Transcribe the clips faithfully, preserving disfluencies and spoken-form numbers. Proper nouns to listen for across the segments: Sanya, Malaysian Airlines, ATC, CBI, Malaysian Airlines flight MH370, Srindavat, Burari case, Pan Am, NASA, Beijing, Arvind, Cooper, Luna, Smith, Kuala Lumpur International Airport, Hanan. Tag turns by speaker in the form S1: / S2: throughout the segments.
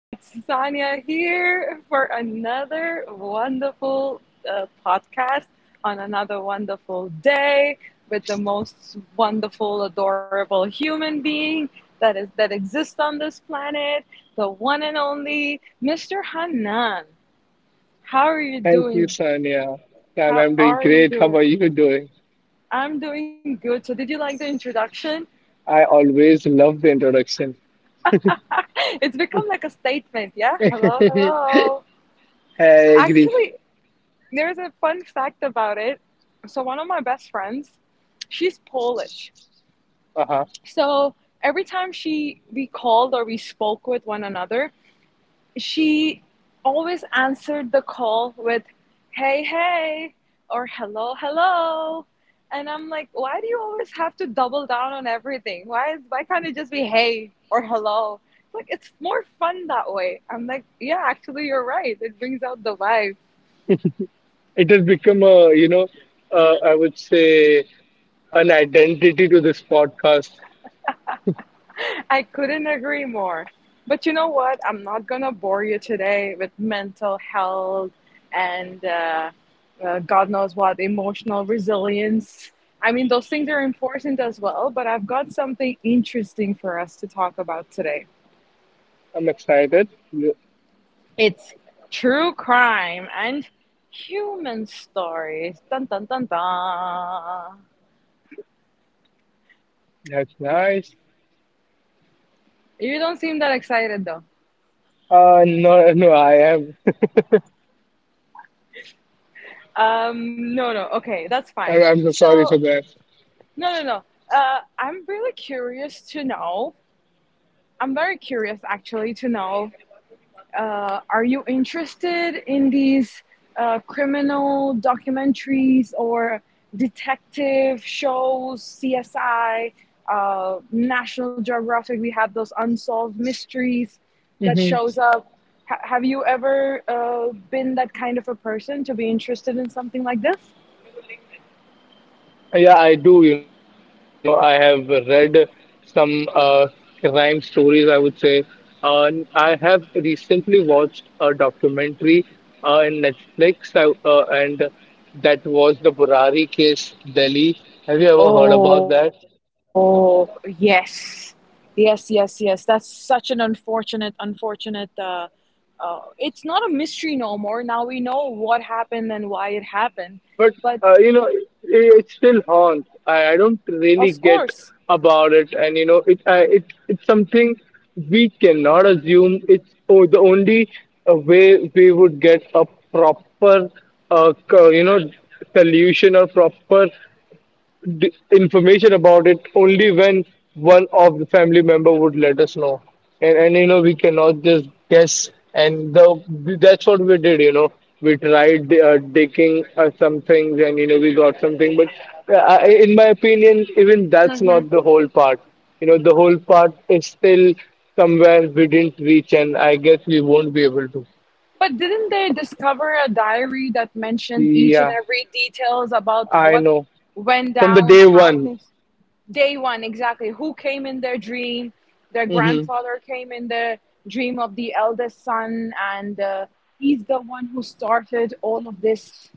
S1: It's Sanya here for another wonderful uh, podcast on another wonderful day with the most wonderful, adorable human being that is that exists on this planet, the one and only mister Hanan. How are you
S2: Thank you,
S1: doing?
S2: Sonia. And I'm
S1: How
S2: doing
S1: are
S2: great.
S1: you
S2: How are
S1: doing?
S2: you doing?
S1: I'm doing good. So, did you like the introduction?
S2: I always love the introduction.
S1: It's become like a statement. Yeah. Hello,
S2: I
S1: hello.
S2: agree.
S1: Actually, there's a fun fact about it. So one of my best friends, she's Polish.
S2: Uh-huh.
S1: So every time she we called or we spoke with one another, she always answered the call with hey hey or hello hello, and I'm like, why do you always have to double down on everything? Why is why can't it just be hey or hello? Like, it's more fun that way. I'm like, yeah, actually you're right, it brings out the vibe.
S2: It has become a, you know, uh, I would say, an identity to this podcast.
S1: I couldn't agree more. But you know what? I'm not going to bore you today with mental health and uh, uh, God knows what, emotional resilience. I mean, those things are important as well, but I've got something interesting for us to talk about today,
S2: I'm excited.
S1: true crime and human stories. Dun, dun, dun, dun.
S2: That's nice.
S1: You don't seem that excited, though.
S2: Uh, no, no, I am.
S1: Um, no, no, okay, that's fine.
S2: I'm, I'm so sorry
S1: So,
S2: for that.
S1: no, no, no. Uh, I'm really curious to know. I'm very curious actually to know. Uh, are you interested in these uh, criminal documentaries or detective shows, C S I, uh, National Geographic? We have those unsolved mysteries that
S2: Mm-hmm.
S1: shows up. H- have you ever uh, been that kind of a person to be interested in something like this?
S2: Yeah, I do. You know, I have read some uh, crime stories, I would say. Uh, I have recently watched a documentary uh, in Netflix, I, uh, and that was the Burari case, Delhi. Have you ever heard about that?
S1: Oh, yes. Yes, yes, yes. That's such an unfortunate, unfortunate. Uh, uh, it's not a mystery no more. Now we know what happened and why it
S2: But
S1: happened.
S2: uh, you know,
S1: But
S2: it, it still haunts. I, I don't really get
S1: of course.
S2: about it, and you know, it I, it it's something we cannot assume. It's oh, the only uh, way we would get a proper, uh, co- you know, solution or proper d- information about it, only when one of the family member would let us know. And and you know we cannot just guess, and the that's what we did. You know we tried uh, digging uh, some things, and you know we got something, but uh, I, in my opinion, even that's not
S1: Hmm.
S2: the whole part. You know the whole part is still somewhere we didn't reach, and I guess we won't be able to.
S1: But didn't they discover a diary that mentioned each and
S2: Yeah,
S1: every details about
S2: I
S1: what
S2: know.
S1: went
S2: From the
S1: down,
S2: day
S1: how
S2: one.
S1: things? Day one, exactly. Who came in their dream? Their
S2: Hmm.
S1: grandfather came in the dream of the eldest son, and uh, he's the one who started all of this.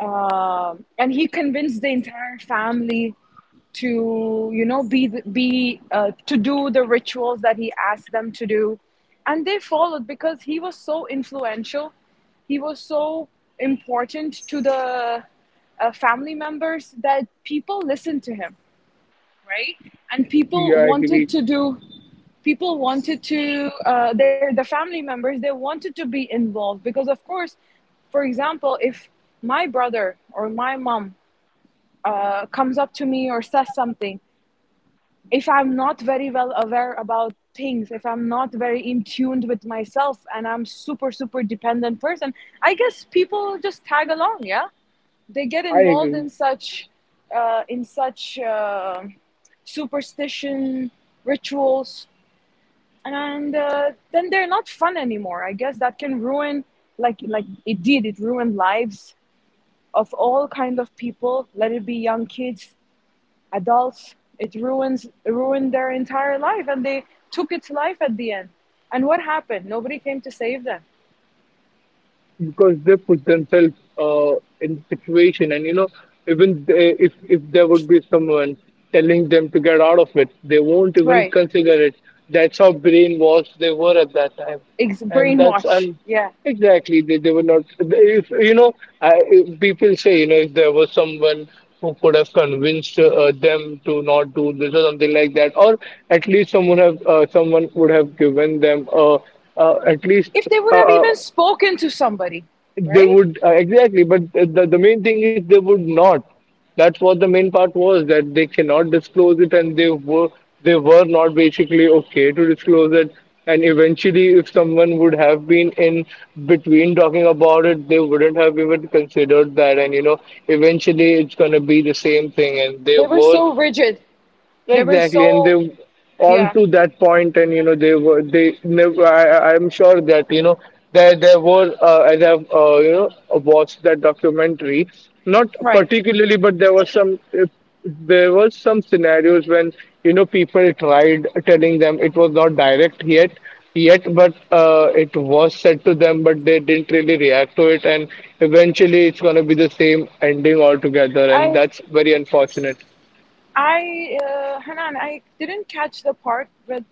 S1: Um and he convinced the entire family to, you know, be the- be uh, to do the rituals that he asked them to do, and they followed because he was so influential. He was so important to the uh, family members that people listened to him, right? And people
S2: Yeah, I agree.
S1: wanted to do, people wanted to, uh, their the family members, they wanted to be involved, because of course, for example, if my brother or my mom uh, comes up to me or says something, if I'm not very well aware about things, if I'm not very in tuned with myself, and I'm super super dependent person, I guess people just tag along, yeah, they get
S2: I
S1: involved
S2: agree.
S1: in such uh, in such uh, superstition rituals, and uh, then they're not fun anymore. I guess that can ruin, like like it did it ruined lives of all kind of people, let it be young kids, adults. It ruins ruined their entire life and they took its life at the end. And what happened, nobody came to save them,
S2: Because they put themselves uh, in the situation. And you know even they, if if there would be someone telling them to get out of it, they won't even
S1: right?
S2: consider it. That's how brainwashed they were at that time.
S1: Ex-
S2: and that's
S1: brainwash,
S2: and
S1: yeah.
S2: exactly, they, they were not, if you know I, if people say, you know if there was someone who could have convinced uh, them to not do this or something like that, or at least someone have uh, someone would have given them uh, uh, at least
S1: If they would
S2: uh,
S1: have even
S2: uh,
S1: spoken to somebody,
S2: they
S1: right.
S2: would uh, exactly, but the, the main thing is they would not. That's what the main part was, that they cannot disclose it, and they were, they were not basically okay to disclose it. And eventually, if someone would have been in between talking about it, they wouldn't have even considered that. And you know eventually it's going to be the same thing. And they
S1: They were
S2: were...
S1: so rigid. They were
S2: Exactly, and they,
S1: so.
S2: on
S1: Yeah,
S2: to that point. And you know they were they never. I, I- I'm sure that you know there there were uh, as I've uh, you know watched that documentary, not
S1: right.
S2: particularly, but there was some, if, there was some scenarios when you know people tried telling them. It was not direct, yet yet, but uh, it was said to them, but they didn't really react to it. And eventually it's going to be the same ending altogether, and
S1: I
S2: that's very unfortunate.
S1: I uh, Hanan, I didn't catch the part where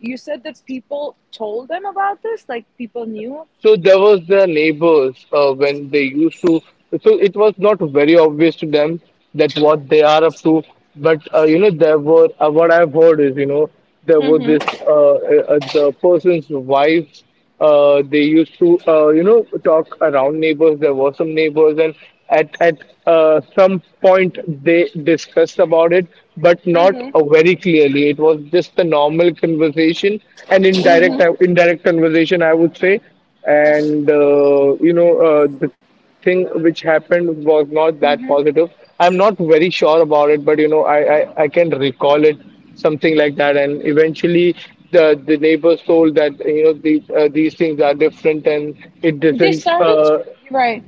S1: you said that people told them about this, like people knew.
S2: So there was their neighbors uh, when they used to. So it was not very obvious to them that what they are up to. But uh, you know, there were uh, what I've heard is, you know there were
S1: Hmm.
S2: this uh, uh, the person's wives. Uh, they used to uh, you know talk around neighbors. There were some neighbors, and at at uh, some point they discussed about it, but not
S1: Hmm.
S2: uh, very clearly. It was just a normal conversation, an indirect indirect conversation, I would say. And uh, you know uh, the thing which happened was not that positive. I'm not very sure about it, but you know i i, I can recall it something like that. And eventually the the neighbors told that you know these uh, these things are different, and it
S1: They
S2: doesn't
S1: started.
S2: uh,
S1: Right.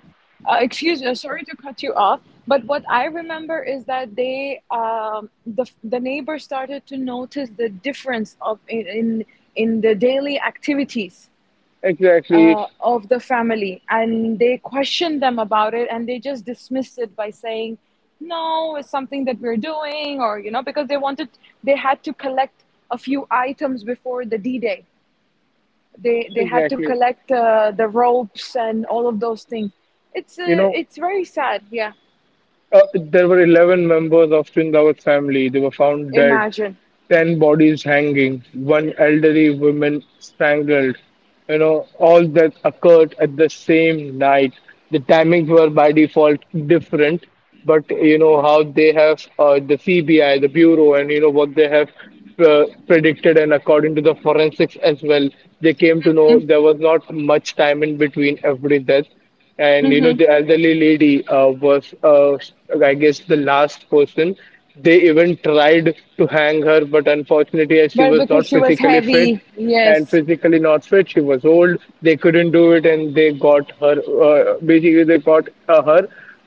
S1: Uh, excuse me, uh, sorry to cut you off, but what I remember is that they, um, the the neighbors started to notice the difference of in in, in the daily activities
S2: Exactly,
S1: uh, of the family, and they question them about it and they just dismiss it by saying, no, it's something that we're doing, or you know, because they wanted they had to collect a few items before the d-day. They they had to
S2: exactly.
S1: collect uh, the ropes and all of those things. it's
S2: you
S1: uh,
S2: know
S1: it's very sad, yeah.
S2: uh, there were eleven members of Srindavat's family. They were found dead.
S1: Imagine.
S2: ten bodies hanging, one elderly woman strangled, you know, all that occurred at the same night. The timings were by default different, but you know how they have uh, the C B I, the bureau, and you know what they have uh, predicted, and according to the forensics as well, they came to know there was not much time in between every death. And you know the elderly lady uh, was, uh, I guess, the last person. They even tried to hang her, but unfortunately, as she
S1: But
S2: was
S1: because
S2: not
S1: she was
S2: physically fit,
S1: heavy,
S2: and
S1: yes.
S2: physically not fit. She was old. They couldn't do it, and they got her. Uh, basically, they got uh, her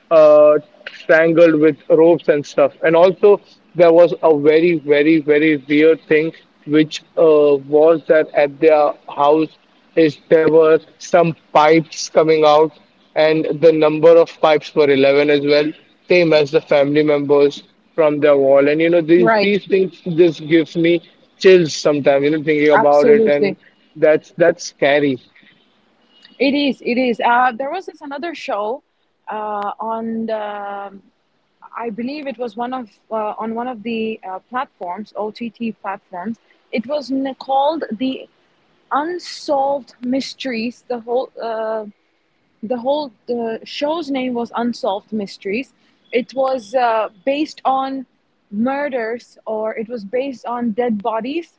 S2: uh, strangled with ropes and stuff. And also, there was a very, very, very weird thing, which uh, was that at their house is, there were some pipes coming out, and the number of pipes were eleven as well, same as the family members, from their wall. And you know, these
S1: Right,
S2: these things just gives me chills sometimes, you know, thinking about it, and
S1: absolutely.
S2: that's that's scary.
S1: It is it is uh, There was this another show uh, on the, I believe it was one of uh, on one of the uh, platforms, O T T platforms. It was called The Unsolved Mysteries. The whole uh, the whole the show's name was unsolved mysteries. It was uh, based on murders, or it was based on dead bodies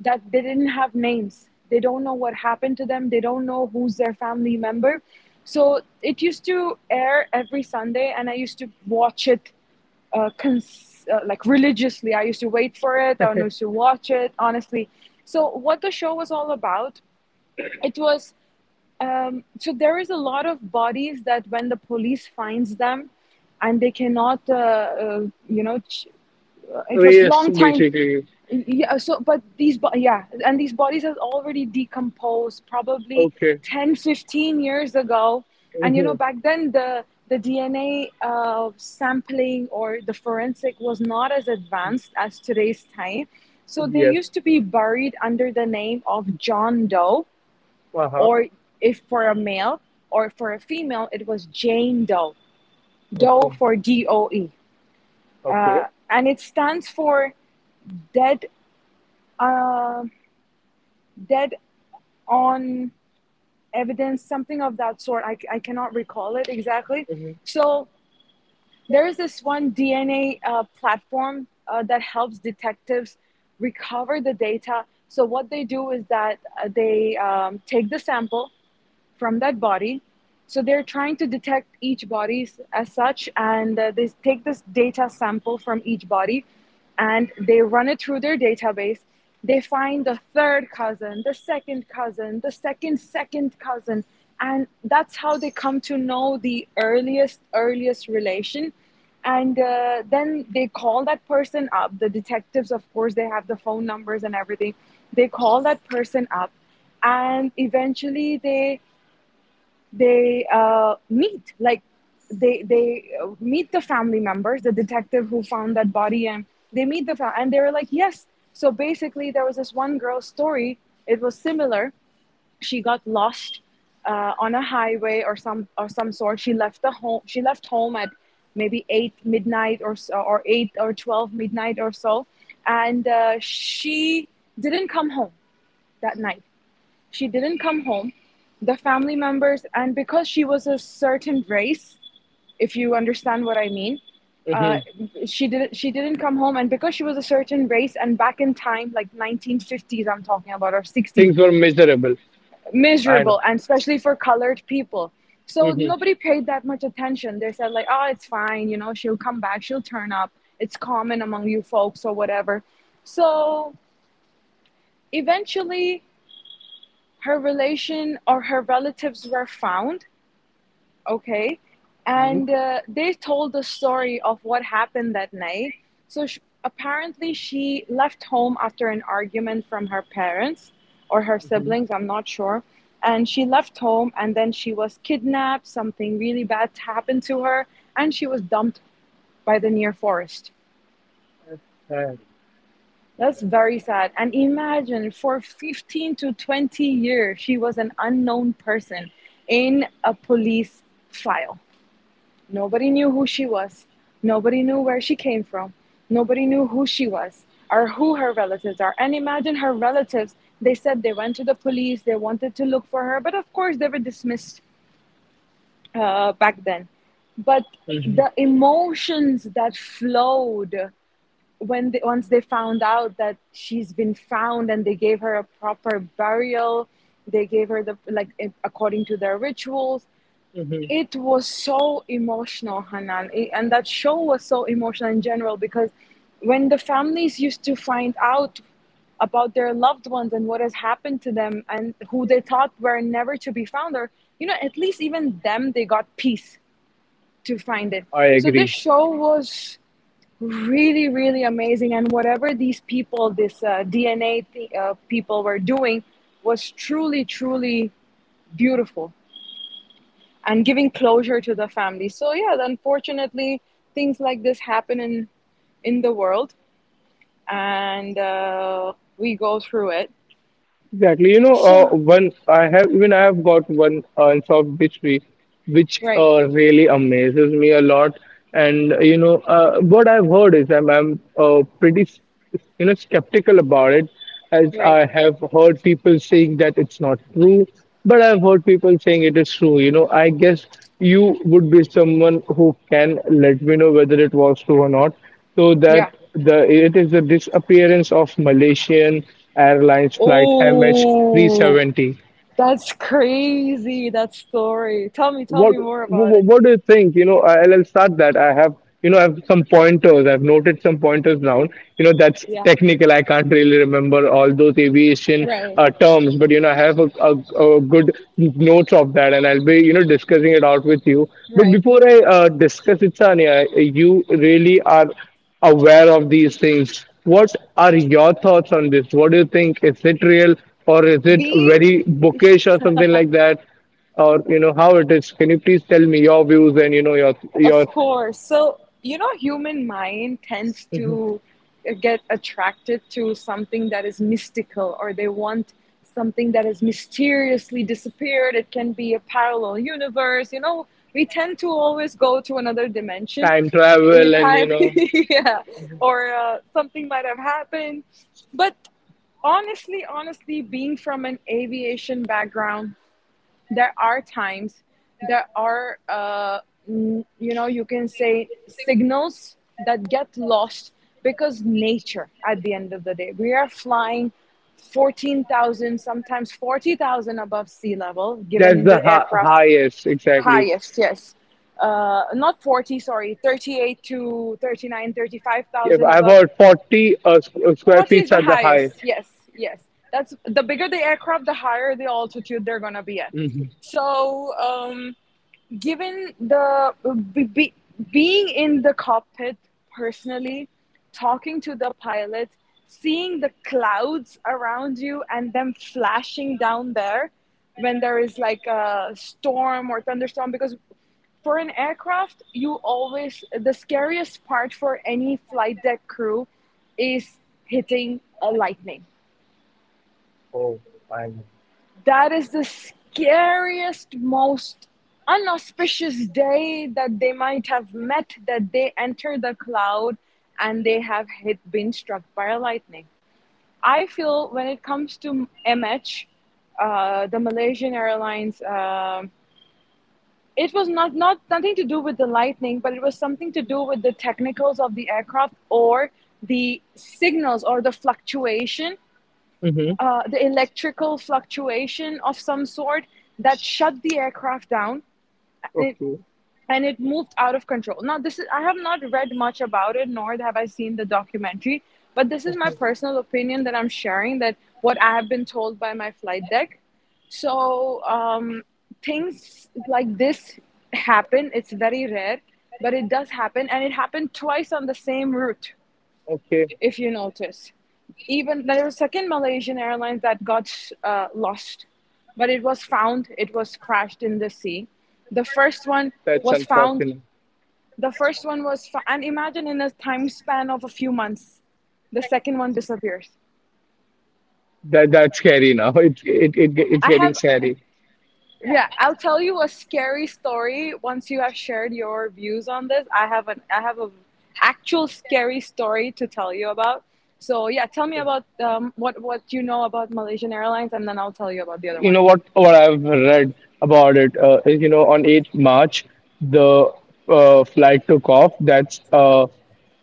S1: that they didn't have names. They don't know what happened to them, they don't know who's their family member. So it used to air every Sunday, and I used to watch it, uh, cons- uh, like, religiously. I used to wait for it, I used to watch it honestly. So what the show was all about, it was, um, so there is a lot of bodies that when the police finds them, and they cannot, uh, uh, you know, ch- uh, it was
S2: Yes,
S1: long time.
S2: basically.
S1: Yeah. So, but these, bo- yeah, and these bodies are already decomposed, probably
S2: Okay.
S1: ten, fifteen years ago. And you
S2: Hmm.
S1: know, back then, the the D N A uh, sampling or the forensic was not as advanced as today's time. So they
S2: Yes.
S1: used to be buried under the name of John Doe,
S2: Uh huh.
S1: or if for a male, or for a female it was Jane Doe. Doe
S2: Okay.
S1: for Doe,
S2: Okay.
S1: uh, and it stands for dead uh, dead on evidence, something of that sort. I, I cannot recall it exactly.
S2: Hmm.
S1: So there is this one DNA uh, platform uh, that helps detectives recover the data. So what they do is that uh, they um, take the sample from that body. So they're trying to detect each body as such, and uh, they take this data sample from each body and they run it through their database. They find the third cousin, the second cousin, the second, second cousin, and that's how they come to know the earliest, earliest relation. And uh, then they call that person up. The detectives, of course, they have the phone numbers and everything. They call that person up, and eventually they they uh, meet, like, they they uh, meet the family members, the detective who found that body, and they meet the family and they were like, yes. So basically there was this one girl's story. It was similar. She got lost uh, on a highway or some or some sort. She left the home she left home at maybe eight midnight or so, or eight or twelve midnight or so, and uh, she didn't come home that night, she didn't come home. The family members, and because she was a certain race, if you understand what I mean, uh,
S2: Hmm.
S1: she didn't she didn't come home, and because she was a certain race, and back in time, like nineteen fifties, I'm talking about, or sixties,
S2: Things were miserable. I know.
S1: miserable, and especially for colored people. So
S2: Hmm.
S1: nobody paid that much attention. They said like, oh, it's fine, you know, she'll come back, she'll turn up. It's common among you folks or whatever. So eventually, her relation or her relatives were found, okay,
S2: Hmm.
S1: and uh, they told the story of what happened that night. So, sh apparently she left home after an argument from her parents or her
S2: Hmm.
S1: siblings, I'm not sure. And she left home, and then she was kidnapped, something really bad happened to her, and she was dumped by the near forest. That's very sad. And imagine, for fifteen to twenty years she was an unknown person in a police file. Nobody knew who she was. Nobody knew where she came from. Nobody knew who she was or who her relatives are. And imagine her relatives, they said they went to the police, they wanted to look for her, but of course they were dismissed, uh, back then. But the emotions that flowed, when they, once they found out that she's been found and they gave her a proper burial, they gave her the like, according to their rituals.
S2: Hmm.
S1: It was so emotional, Hanan. I- and that show was so emotional in general, because when the families used to find out about their loved ones and what has happened to them, and who they thought were never to be found, or you know, at least even them, they got peace to find it.
S2: I
S1: So this
S2: agree.
S1: show was really really amazing, and whatever these people, this uh, DNA, th- uh, people were doing was truly truly beautiful, and giving closure to the family. So yeah, unfortunately, things like this happen in in the world, and uh, we go through it.
S2: Exactly. You know, uh,
S1: So,
S2: one I have even I have got one unsolved mystery, which we, which
S1: right,
S2: uh, really amazes me a lot. And uh, you know, uh, what I've heard is, I'm I'm uh, pretty s- you know skeptical about it, as
S1: right,
S2: I have heard people saying that it's not true, but I've heard people saying it is true. You know, I guess you would be someone who can let me know whether it was true or not, so that...
S1: yeah.
S2: the It is the disappearance of Malaysian Airlines flight
S1: Oh,
S2: M H three seventy.
S1: that's crazy. That story. Tell me, tell
S2: what
S1: me more about
S2: what,
S1: it.
S2: what do you think? you know I'll, I'll start that. I have, you know I have some pointers. I've noted some pointers down. You know that's
S1: Yeah,
S2: technical. I can't really remember all those aviation
S1: right,
S2: uh, terms, but you know I have a, a, a good notes of that, and I'll be, you know discussing it out with you. But
S1: right.
S2: before I uh, discuss it, Sania, you really are aware of these things. What are your thoughts on this? What do you think? Is it real, or is it
S1: Being
S2: very bookish or something like that, or you know how it is? Can you please tell me your views, and you know your
S1: Of
S2: your
S1: course. So, you know, human mind tends
S2: Mhm.
S1: to get attracted to something that is mystical, or they want something that has mysteriously disappeared. It can be a parallel universe. You know, we tend to always go to another dimension,
S2: Time
S1: uh,
S2: travel, and you
S1: time,
S2: know
S1: yeah, or uh, something might have happened. But honestly, honestly, being from an aviation background, there are times there are uh, you know you can say signals that get lost because nature at the end of the day we are flying fourteen thousand sometimes forty thousand above sea level
S2: that's
S1: given
S2: the
S1: the
S2: hi-
S1: aircraft.
S2: highest, exactly.
S1: Highest, yes. Uh, not forty, sorry, thirty-eight to thirty nine thirty five
S2: If
S1: thousand
S2: I've
S1: above.
S2: heard, forty uh, s- uh, square
S1: forty is
S2: feet
S1: the
S2: are the highest.
S1: highest, yes, yes. That's the bigger the aircraft, the higher the altitude they're going to be at.
S2: Hmm.
S1: So um, given the be, be- being in the cockpit, personally talking to the pilot, seeing the clouds around you and them flashing down there when there is like a storm or thunderstorm. Because for an aircraft you always the scariest part for any flight deck crew is hitting a lightning. That is the scariest, most unauspicious day that they might have met, that they enter the cloud and they have hit, been struck by a lightning. I feel when it comes to M H, uh, the Malaysian Airlines, um it was not, not nothing to do with the lightning, but it was something to do with the technicals of the aircraft or the signals or the fluctuation,
S2: Mhm.
S1: uh, the electrical fluctuation of some sort that shut the aircraft down and it,
S2: Okay,
S1: and it moved out of control. Now, this is I have not read much about it, nor have I seen the documentary, but this is my personal opinion that I'm sharing that what I have been told by my flight deck. So um, things like this happen. It's very rare, but it does happen, and it happened twice on the same route
S2: okay,
S1: if you notice. Even there was a second Malaysian Airlines that got uh, lost, but it was found. It was crashed in the sea. The first one
S2: that's
S1: was found.
S2: unfortunate.
S1: The first one was, fo- And imagine in a time span of a few months, the second one disappears.
S2: That that's scary now. It's it, it it's
S1: I
S2: getting
S1: have.
S2: scary.
S1: Yeah, I'll tell you a scary story once you have shared your views on this. I have an I have a actual scary story to tell you about. So yeah, tell me about um, what what you know about Malaysian Airlines, and then I'll tell you about the other
S2: you know
S1: one.
S2: what what I've read about it uh, is, you know on March eighth the uh, flight took off. That's, uh, uh,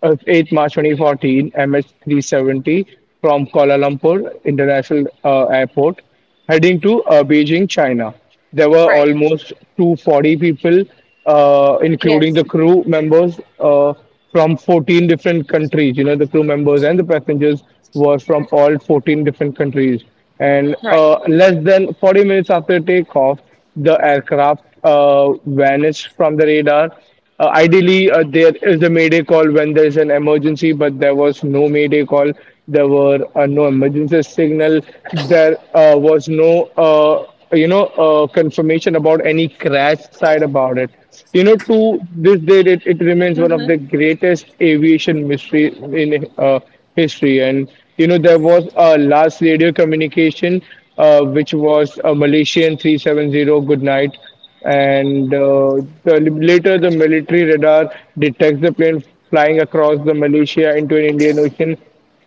S2: the eighth of March twenty fourteen, M H three seventy, from Kuala Lumpur International uh, Airport, heading to uh, Beijing, China. There were
S1: Right.
S2: almost two hundred forty people, uh, including
S1: Yes.
S2: the crew members uh, from fourteen different countries. You know, the crew members and the passengers were from all fourteen different countries. And
S1: Right.
S2: uh, less than forty minutes after takeoff, the aircraft uh, vanished from the radar. Uh, ideally, uh, there is a mayday call when there is an emergency, but there was no mayday call. There were uh, no emergency signal. There uh, was no, uh, you know, uh, confirmation about any crash side about it. You know, to this date, it, it remains one of
S1: Hmm.
S2: the greatest aviation mystery in uh, history. And you know, there was a last radio communication, uh, which was a Malaysian three seven zero good night. And uh, the, later, the military radar detects the plane flying across the Malaysia into an Indian Ocean.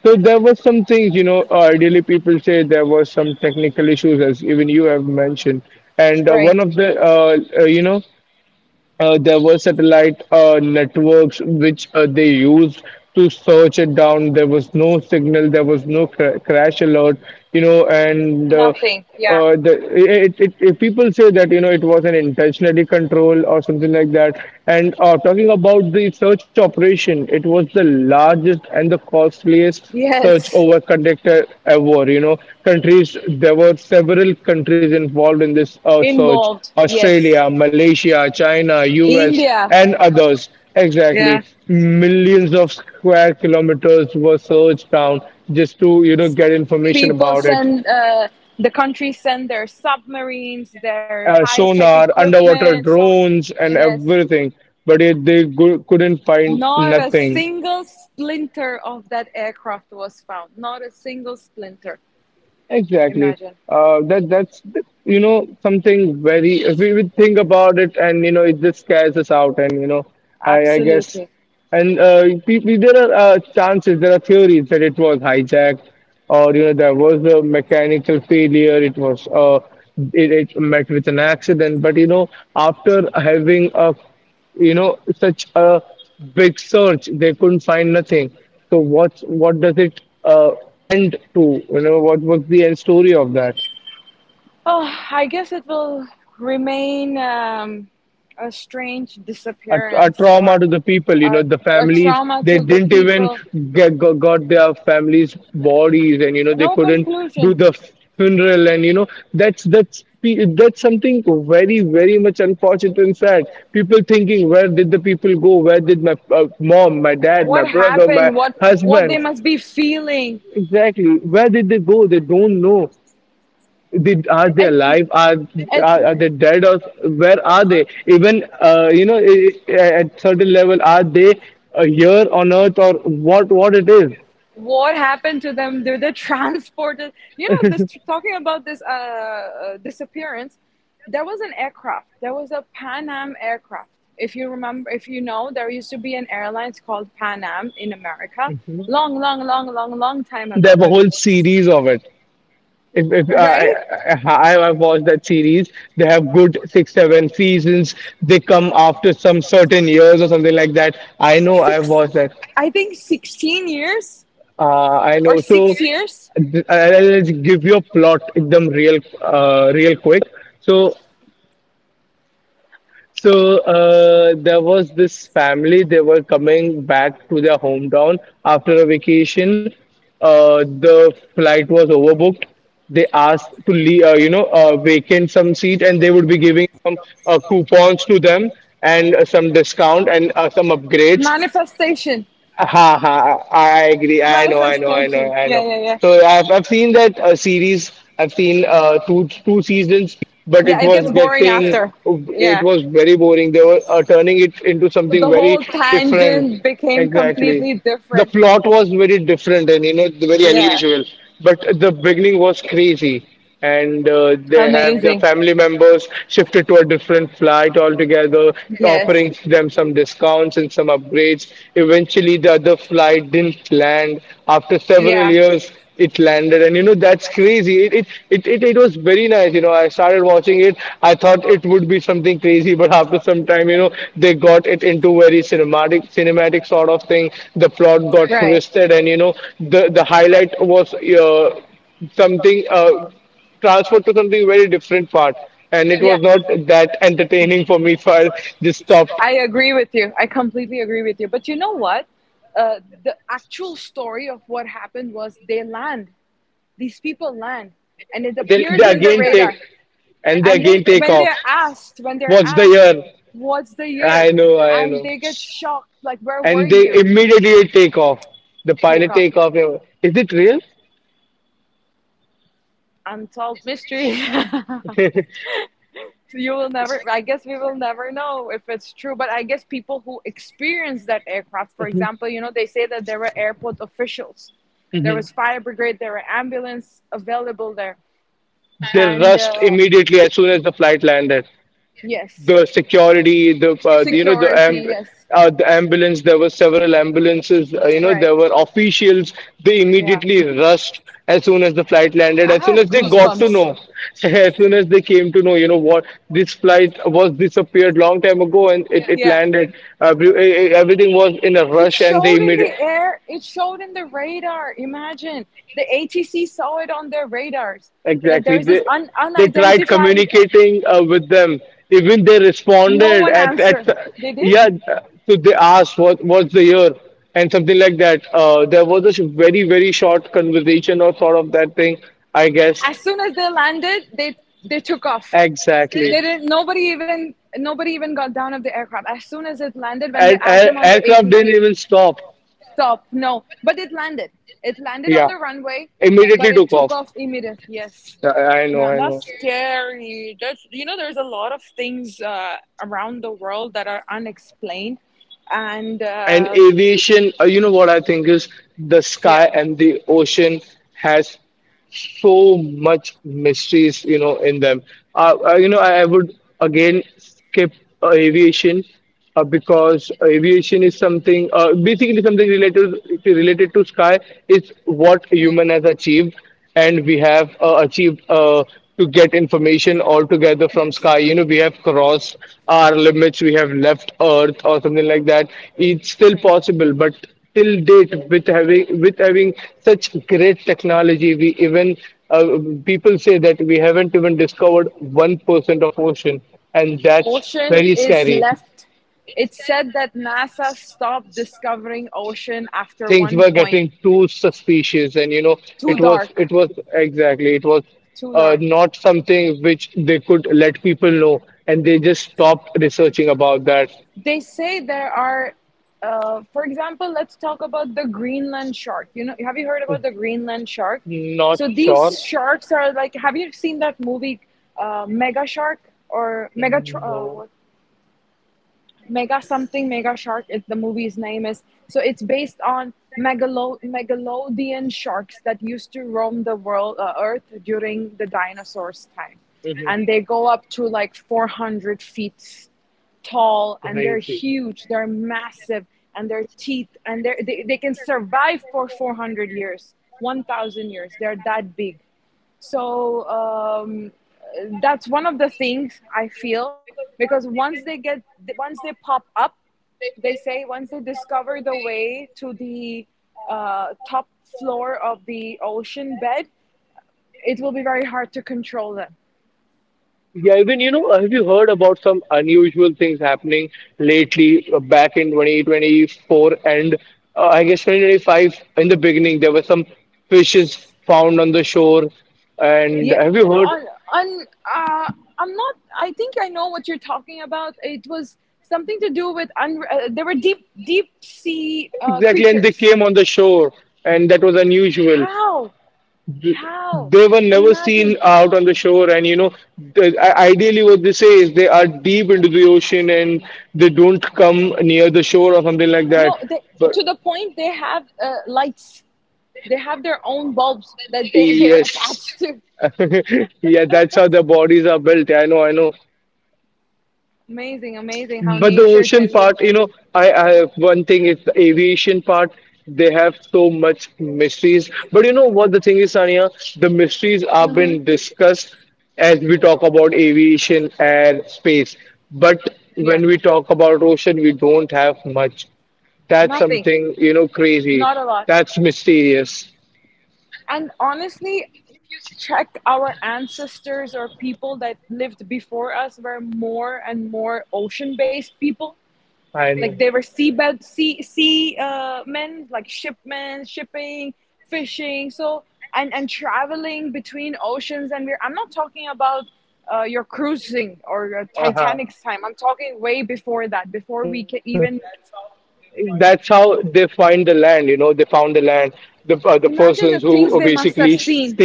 S2: So there were some things, you know, uh, ideally people say there were some technical issues, as even you have mentioned. And uh,
S1: Right.
S2: one of the, uh, uh, you know, uh, there were satellite uh, networks which uh, they used to search it down. There was no signal, there was no cra- crash alert, you know, and uh,
S1: Nothing. Yeah.
S2: uh, the, it, it, it, people say that, you know, it was an intentionally control or something like that. And uh, talking about the search operation, it was the largest and the costliest search
S1: Yes.
S2: over conducted ever. You know, countries There were several countries involved in this uh, search:
S1: Involved, yes.
S2: Australia, Malaysia, China, U S,
S1: India.
S2: and others. Exactly,
S1: Yeah.
S2: millions of square kilometers were searched down, just to you know get information
S1: People
S2: about it.
S1: send uh, the country send their submarines, their
S2: Uh,
S1: high-tech
S2: sonar, underwater
S1: equipment, so
S2: drones, and
S1: yes,
S2: everything, but it, they go- couldn't find
S1: not a
S2: nothing.
S1: single splinter of that aircraft was found, not a single splinter.
S2: Exactly.
S1: Imagine.
S2: Uh, that that's you know something very if we would think about it, and you know it just scares us out, and you know I I guess
S1: Absolutely.
S2: And uh, pe- pe- there are uh, chances, there are theories that it was hijacked or you know there was a mechanical failure. It was uh it, it met with an accident, but you know after having a you know such a big search, they couldn't find nothing. So what's what does it uh, end to? You know what was the end story of that?
S1: Oh, I guess it will remain um, a strange
S2: A, a
S1: disappearance
S2: trauma
S1: or
S2: to the people. You
S1: a,
S2: know the
S1: a
S2: families,
S1: trauma to
S2: they
S1: the
S2: didn't even
S1: people.
S2: get, got, got their families' bodies, and you know they
S1: No
S2: couldn't do
S1: conclusion.
S2: the funeral, and you know that's that's pe- that's something very very much unfortunate and sad. People thinking, where did the people go? Where did my uh, mom, my dad, my
S1: What
S2: brother, my
S1: happened, what what they
S2: husband?
S1: must be feeling.
S2: Exactly. Where did they go? They don't know. Did Are they
S1: it
S2: alive? Are
S1: it,
S2: are, are they dead? Or where are they? Even uh, you know, i- i- at certain level, are they uh, here on Earth or what? What it is?
S1: what happened to them? They're, they're transported. You know, this talking about this uh, uh, disappearance. There was an aircraft. There was a Pan Am aircraft. If you remember, if you know, there used to be an airline called Pan Am in America, long, long, long, long, long time
S2: They
S1: ago,
S2: have a whole series of it. If, if uh, I,
S1: right?
S2: I I- I've watched that series. They have good six seven seasons. They come after some certain years or something like that. I know, I've
S1: Six,
S2: watched that.
S1: I think, sixteen years
S2: Uh, and
S1: or
S2: also,
S1: six years.
S2: th- I'll give you a plot them real, uh, real quick. So, so uh, there was this family. They were coming back to their hometown after a vacation. Uh, the flight was overbooked. They asked to leave, uh, you know, uh, vacant some seat, and they would be giving some uh, coupons to them, and uh, some discount, and uh, some upgrades.
S1: Manifestation.
S2: Ha ha! I agree. I know. I know. I know.
S1: Manifestation.
S2: I
S1: Yeah,
S2: know.
S1: yeah, yeah.
S2: So I've I've seen that uh, series. I've seen uh, two two seasons, but
S1: Yeah,
S2: it
S1: it
S2: was
S1: gets boring
S2: getting,
S1: after.
S2: it
S1: Yeah,
S2: was very boring. They were uh, turning it into something
S1: the
S2: very
S1: whole
S2: different.
S1: tangent became
S2: Exactly.
S1: completely
S2: The
S1: different.
S2: plot was very different and you know very
S1: Yeah,
S2: unusual, but the beginning was crazy, and uh, they have their
S1: amazing.
S2: family members shifted to a different flight altogether,
S1: Yes.
S2: offering them some discounts and some upgrades. Eventually, the other flight didn't land. After several
S1: Yeah.
S2: years, it landed, and you know that's crazy. It it, it it it was very nice. You know, I started watching it. I thought it would be something crazy, but after some time, you know, they got it into very cinematic cinematic sort of thing. The plot got
S1: Right.
S2: twisted, and you know, the the highlight was. Uh, something uh, transferred to something very different part, and it was
S1: Yeah.
S2: not that entertaining for me, so I just stopped.
S1: I agree with you. I completely agree with you. But you know what? Uh, the actual story of what happened was they land. These people land, and it
S2: Then
S1: appears
S2: they
S1: in the
S2: again take,
S1: radar.
S2: and they
S1: And
S2: again
S1: they,
S2: take
S1: when
S2: off.
S1: they're asked, when they're
S2: Watch the
S1: asked,
S2: year.
S1: what's the
S2: I
S1: year?
S2: know, I
S1: And
S2: know.
S1: they get shocked, like, where were
S2: And they
S1: you?
S2: immediately take off, the pilot
S1: Takeoff.
S2: take off, you know, is it real?
S1: Unsolved mystery. You will never, I guess we will never know if it's true, but I guess people who experienced that aircraft, for
S2: Mhm,
S1: example, you know, they say that there were airport officials, there
S2: mhm.
S1: was fire brigade, there were ambulance available there,
S2: They
S1: and
S2: rushed
S1: uh,
S2: immediately as soon as the flight landed.
S1: yes,
S2: The security, the uh, you know the
S1: security,
S2: amb-
S1: yes,
S2: uh, the ambulance. There were several ambulances. Uh, you know,
S1: right,
S2: there were officials. They
S1: yeah.
S2: immediately rushed as soon as the flight
S1: I
S2: landed. As
S1: have
S2: soon as they got to
S1: goosebumps.
S2: know, as soon as they came to know, you know, what this flight was disappeared long time ago, and it, it
S1: Yeah.
S2: landed. Uh, every- e, e, everything was in a
S1: It
S2: rush, and they
S1: showed in
S2: immediately.
S1: the air. It showed in the radar. Imagine the A T C saw it on their radars, that there
S2: Exactly.
S1: is this
S2: They
S1: un-
S2: they tried
S1: unidentified.
S2: communicating uh, with them. Even they
S1: No
S2: responded
S1: one
S2: at at
S1: answered. Did they?
S2: yeah. So they asked, what what's the year and something like that. Uh, there was a sh- very very short conversation or sort of that thing, I guess.
S1: As soon as they landed, they they took off.
S2: Exactly.
S1: They didn't. Nobody even nobody even got down of the aircraft. As soon as it landed, when they
S2: And,
S1: asked
S2: and
S1: them on the
S2: aircraft didn't
S1: A T C,
S2: even stop.
S1: stop. No, but it landed. It landed on
S2: Yeah,
S1: the runway, but
S2: immediately
S1: it
S2: took
S1: took
S2: off.
S1: off immediately. Yes.
S2: Yeah, I, I know.
S1: Man,
S2: I know.
S1: that's scary. That's you know, there's a lot of things uh, around the world that are unexplained, and
S2: And
S1: uh,
S2: aviation, uh, you know what I think is, the sky
S1: yeah.
S2: and the ocean has so much mysteries, you know, in them. Uh, uh, you know, I, I would again skip uh, aviation, uh, because aviation is something, uh, basically something related related to sky. It's what
S1: Yeah.
S2: human has achieved, and we have uh, achieved uh, to get information altogether from
S1: Yes.
S2: sky. You know, we have crossed our limits. We have left Earth or something like that. It's still
S1: Right.
S2: possible, but till date, with having with having such great technology, we even uh, people say that we haven't even discovered one percent of ocean, and that's
S1: Ocean
S2: very
S1: is
S2: scary.
S1: left. It's said that NASA stopped discovering ocean after
S2: Things
S1: one
S2: were
S1: point.
S2: getting too suspicious, and you know,
S1: Too
S2: it was,
S1: dark.
S2: it was, exactly, it was
S1: Too
S2: uh,
S1: dark.
S2: not something which they could let people know, and they just stopped researching about that.
S1: They say there are uh, for example, let's talk about the Greenland shark. You know, have you heard about the Greenland shark?
S2: Not
S1: So
S2: sure.
S1: these sharks are like, have you seen that movie uh, mega shark or mega,
S2: No.
S1: Uh, mega something, Mega Shark. It, the movie's name is so it's based on megalo- megalodian sharks that used to roam the world, uh, Earth during the dinosaurs' time,
S2: Mhm.
S1: and they go up to like four hundred feet tall, and they're
S2: Crazy.
S1: huge, they're massive, and their teeth, and they're, they they can survive for four hundred years, one thousand years. They're that big. So um, that's one of the things I feel, because once they get, once they pop up, they say once they discover the way to the uh, top floor of the ocean bed, it will be very hard to control them.
S2: Yeah, even you know, have you heard about some unusual things happening lately uh, back in twenty twenty-four, and uh, I guess twenty twenty-five in the beginning, there were some fishes found on the shore. And
S1: Yeah,
S2: have you heard?
S1: on on uh, I'm not. I think I know what you're talking about. It was something to do with un- uh, there were deep deep sea uh,
S2: Exactly, and they
S1: creatures.
S2: came on the shore, and that was unusual.
S1: How
S2: th-
S1: how
S2: they were never seen
S1: imagine.
S2: out on the shore, and you know, the, i- ideally what they say is they are deep into the ocean, and they don't come near the shore or something like that,
S1: No, they,
S2: but
S1: to the point they have uh, lights. They have their own bulbs that they they're
S2: yes.
S1: attached to.
S2: yeah, that's how their bodies are built. Yeah, i know i know
S1: Amazing, amazing how
S2: But the
S1: nature
S2: ocean
S1: can be.
S2: part, you know, I, I have one thing is the aviation part. They have so much mysteries. But you know what the thing is, Sania? The mysteries have
S1: Hmm.
S2: been discussed as we talk about aviation and space. But
S1: Yeah,
S2: when we talk about ocean, we don't have much. That's
S1: nothing,
S2: something, you know, crazy.
S1: not a lot.
S2: That's mysterious.
S1: And honestly, check, our ancestors or people that lived before us were more and more ocean-based people.
S2: I know.
S1: Like they were seabed sea sea uh, men, like shipmen, shipping, fishing, so and and traveling between oceans. And we're I'm not talking about uh, your cruising or your
S2: Uh huh.
S1: Titanic's time. I'm talking way before that, before we can even
S2: That's
S1: that's how
S2: how they
S1: they find
S2: find the land. You know, they
S1: the
S2: found the land, the uh,
S1: land.
S2: the persons who
S1: They found the land in this particular- imagine the
S2: basically
S1: things they must
S2: state
S1: have
S2: that.
S1: seen.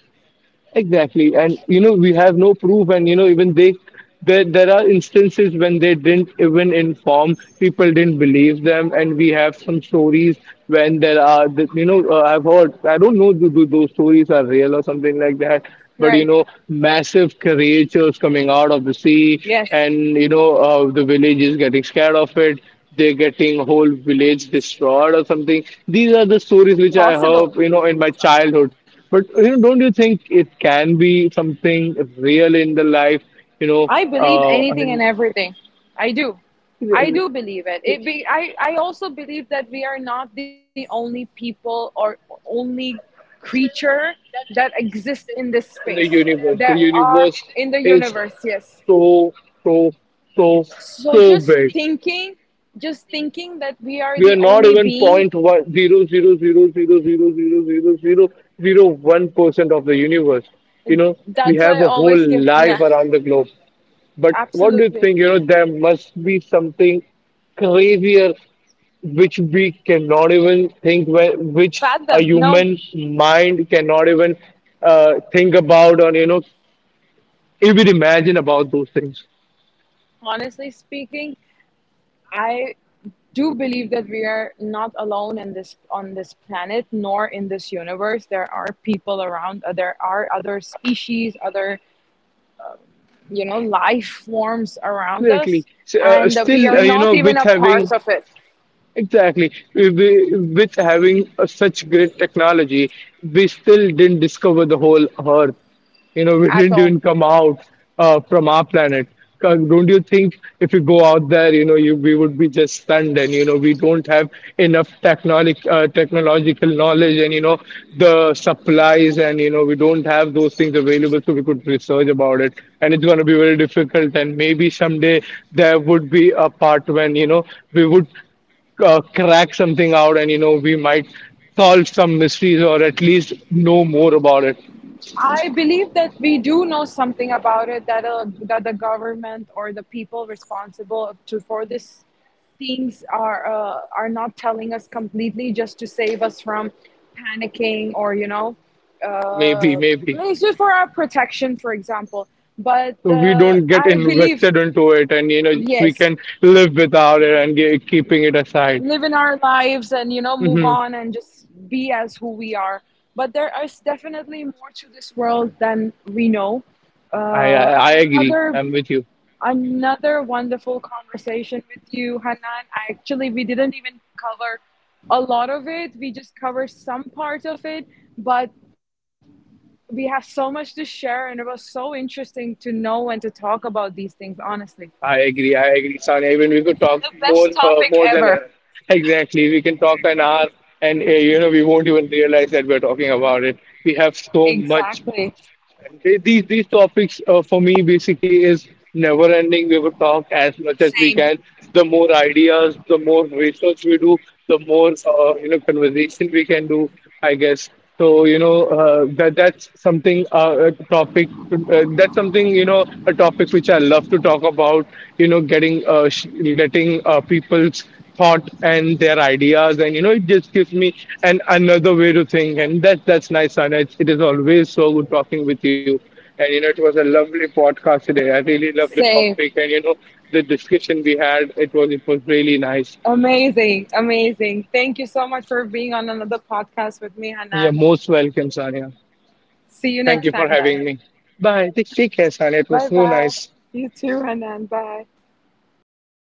S2: Exactly, and you know, we have no proof, and you know, even they, there, there are instances when they didn't even inform, people didn't believe them, and we have some stories when there are th- you know, uh, I've heard, I don't know, do, do those stories are real or something like that? But you
S1: Right?
S2: know, massive creatures coming out of the sea,
S1: Yes,
S2: and you know, uh, the village is getting scared of it, they're getting whole village destroyed or something. These are the stories which I
S1: possible.
S2: heard, you know, in my childhood. But you know, don't you think it can be something real in the life? You know,
S1: I believe
S2: uh,
S1: anything and
S2: and
S1: everything. I do. I
S2: in
S1: do believe it. It be I, I also believe that we are not the only people or only creature that exists in this
S2: the
S1: space.
S2: universe, the
S1: That are
S2: universe
S1: in the
S2: is
S1: universe, yes.
S2: so so so
S1: So
S2: so
S1: just
S2: big.
S1: thinking, just thinking that we are
S2: We are
S1: the
S2: not
S1: only
S2: even
S1: being,
S2: point one zero zero zero zero zero zero zero zero zero one percent of the universe. You know, we
S1: that's why
S2: have
S1: I
S2: a whole
S1: always get
S2: life
S1: yeah,
S2: around the globe. But what do you
S1: absolutely.
S2: think? You know, there must be something crazier which we cannot even think when, which a
S1: Fathom, no.
S2: human's mind cannot even uh, think about, or you know, even imagine about those things.
S1: Honestly speaking, I do believe that we are not alone in this on this planet, nor in this universe. There are people around, uh, there are other species, other, you know, life forms around
S2: Exactly.
S1: us,
S2: S- uh,
S1: and uh, we
S2: still
S1: are
S2: uh, you
S1: not
S2: know,
S1: even
S2: with
S1: a part
S2: having,
S1: of it
S2: exactly. We- we- With having a- such great technology, we still didn't discover the whole Earth. You know, we
S1: at
S2: didn't
S1: all.
S2: even come out uh, from our planet. 'Cause, don't you think, if you go out there, you know, you we would be just stunned, and you know, we don't have enough technologic uh, technological knowledge, and you know, the supplies, and you know, we don't have those things available, so we could research about it, and it's going to be very difficult. And maybe someday, there would be a part when you know, we would uh, crack something out, and you know, we might solve some mysteries, or at least know more about it.
S1: I believe that we do know something about it, that uh, that the government or the people responsible to for this things are uh, are not telling us completely just to save us from panicking, or you know,
S2: Maybe,
S1: uh,
S2: maybe,
S1: it's just for our protection, for example, but
S2: so we
S1: uh,
S2: don't get
S1: I believe
S2: invested into it, and you know, we
S1: yes,
S2: can live without it, and ge- keeping it aside.
S1: live in our lives and you know, move
S2: Hmm.
S1: on and just be as who we are. But there is definitely more to this world than we know.
S2: I,
S1: uh,
S2: I i agree
S1: another
S2: I'm with you.
S1: Another wonderful conversation with you, Hanan. Actually we didn't even cover a lot of it, we just covered some part of it, but we have so much to share and it was so interesting to know and to talk about these things honestly.
S2: I agree, I agree, Sonia. Even we could
S1: The
S2: talk
S1: best
S2: more, uh,
S1: topic
S2: more than
S1: ever.
S2: an, exactly, we can talk an hour, and uh, you know, we won't even realize that we're talking about it. We have so much.
S1: Exactly.
S2: And they- These these topics uh, for me basically is never ending. We will talk as much as we
S1: Same,
S2: can. The more ideas, the more research we do, the more uh, you know, conversation we can do, I guess so. You know, uh, that that's something, uh, a topic, uh, that's something, you know, a topic which I love to talk about. You know, getting uh, sh- letting uh, people's thought and their ideas, and you know, it just gives me an another way to think, and that that's nice, Sana. It's, it is always so good talking with you, and you know, it was a lovely podcast today. I really loved the
S1: same.
S2: topic, and you know, the discussion we had, it was it was really nice.
S1: Amazing, amazing. Thank you so much for being on another podcast with me,
S2: You're
S1: Hanan.
S2: most welcome, Sanya.
S1: See you
S2: Thank
S1: next
S2: you for
S1: time then.
S2: having me. Bye, take, take care, Sanya. It was
S1: Bye
S2: so
S1: bye.
S2: nice.
S1: You too, Hanan. Bye.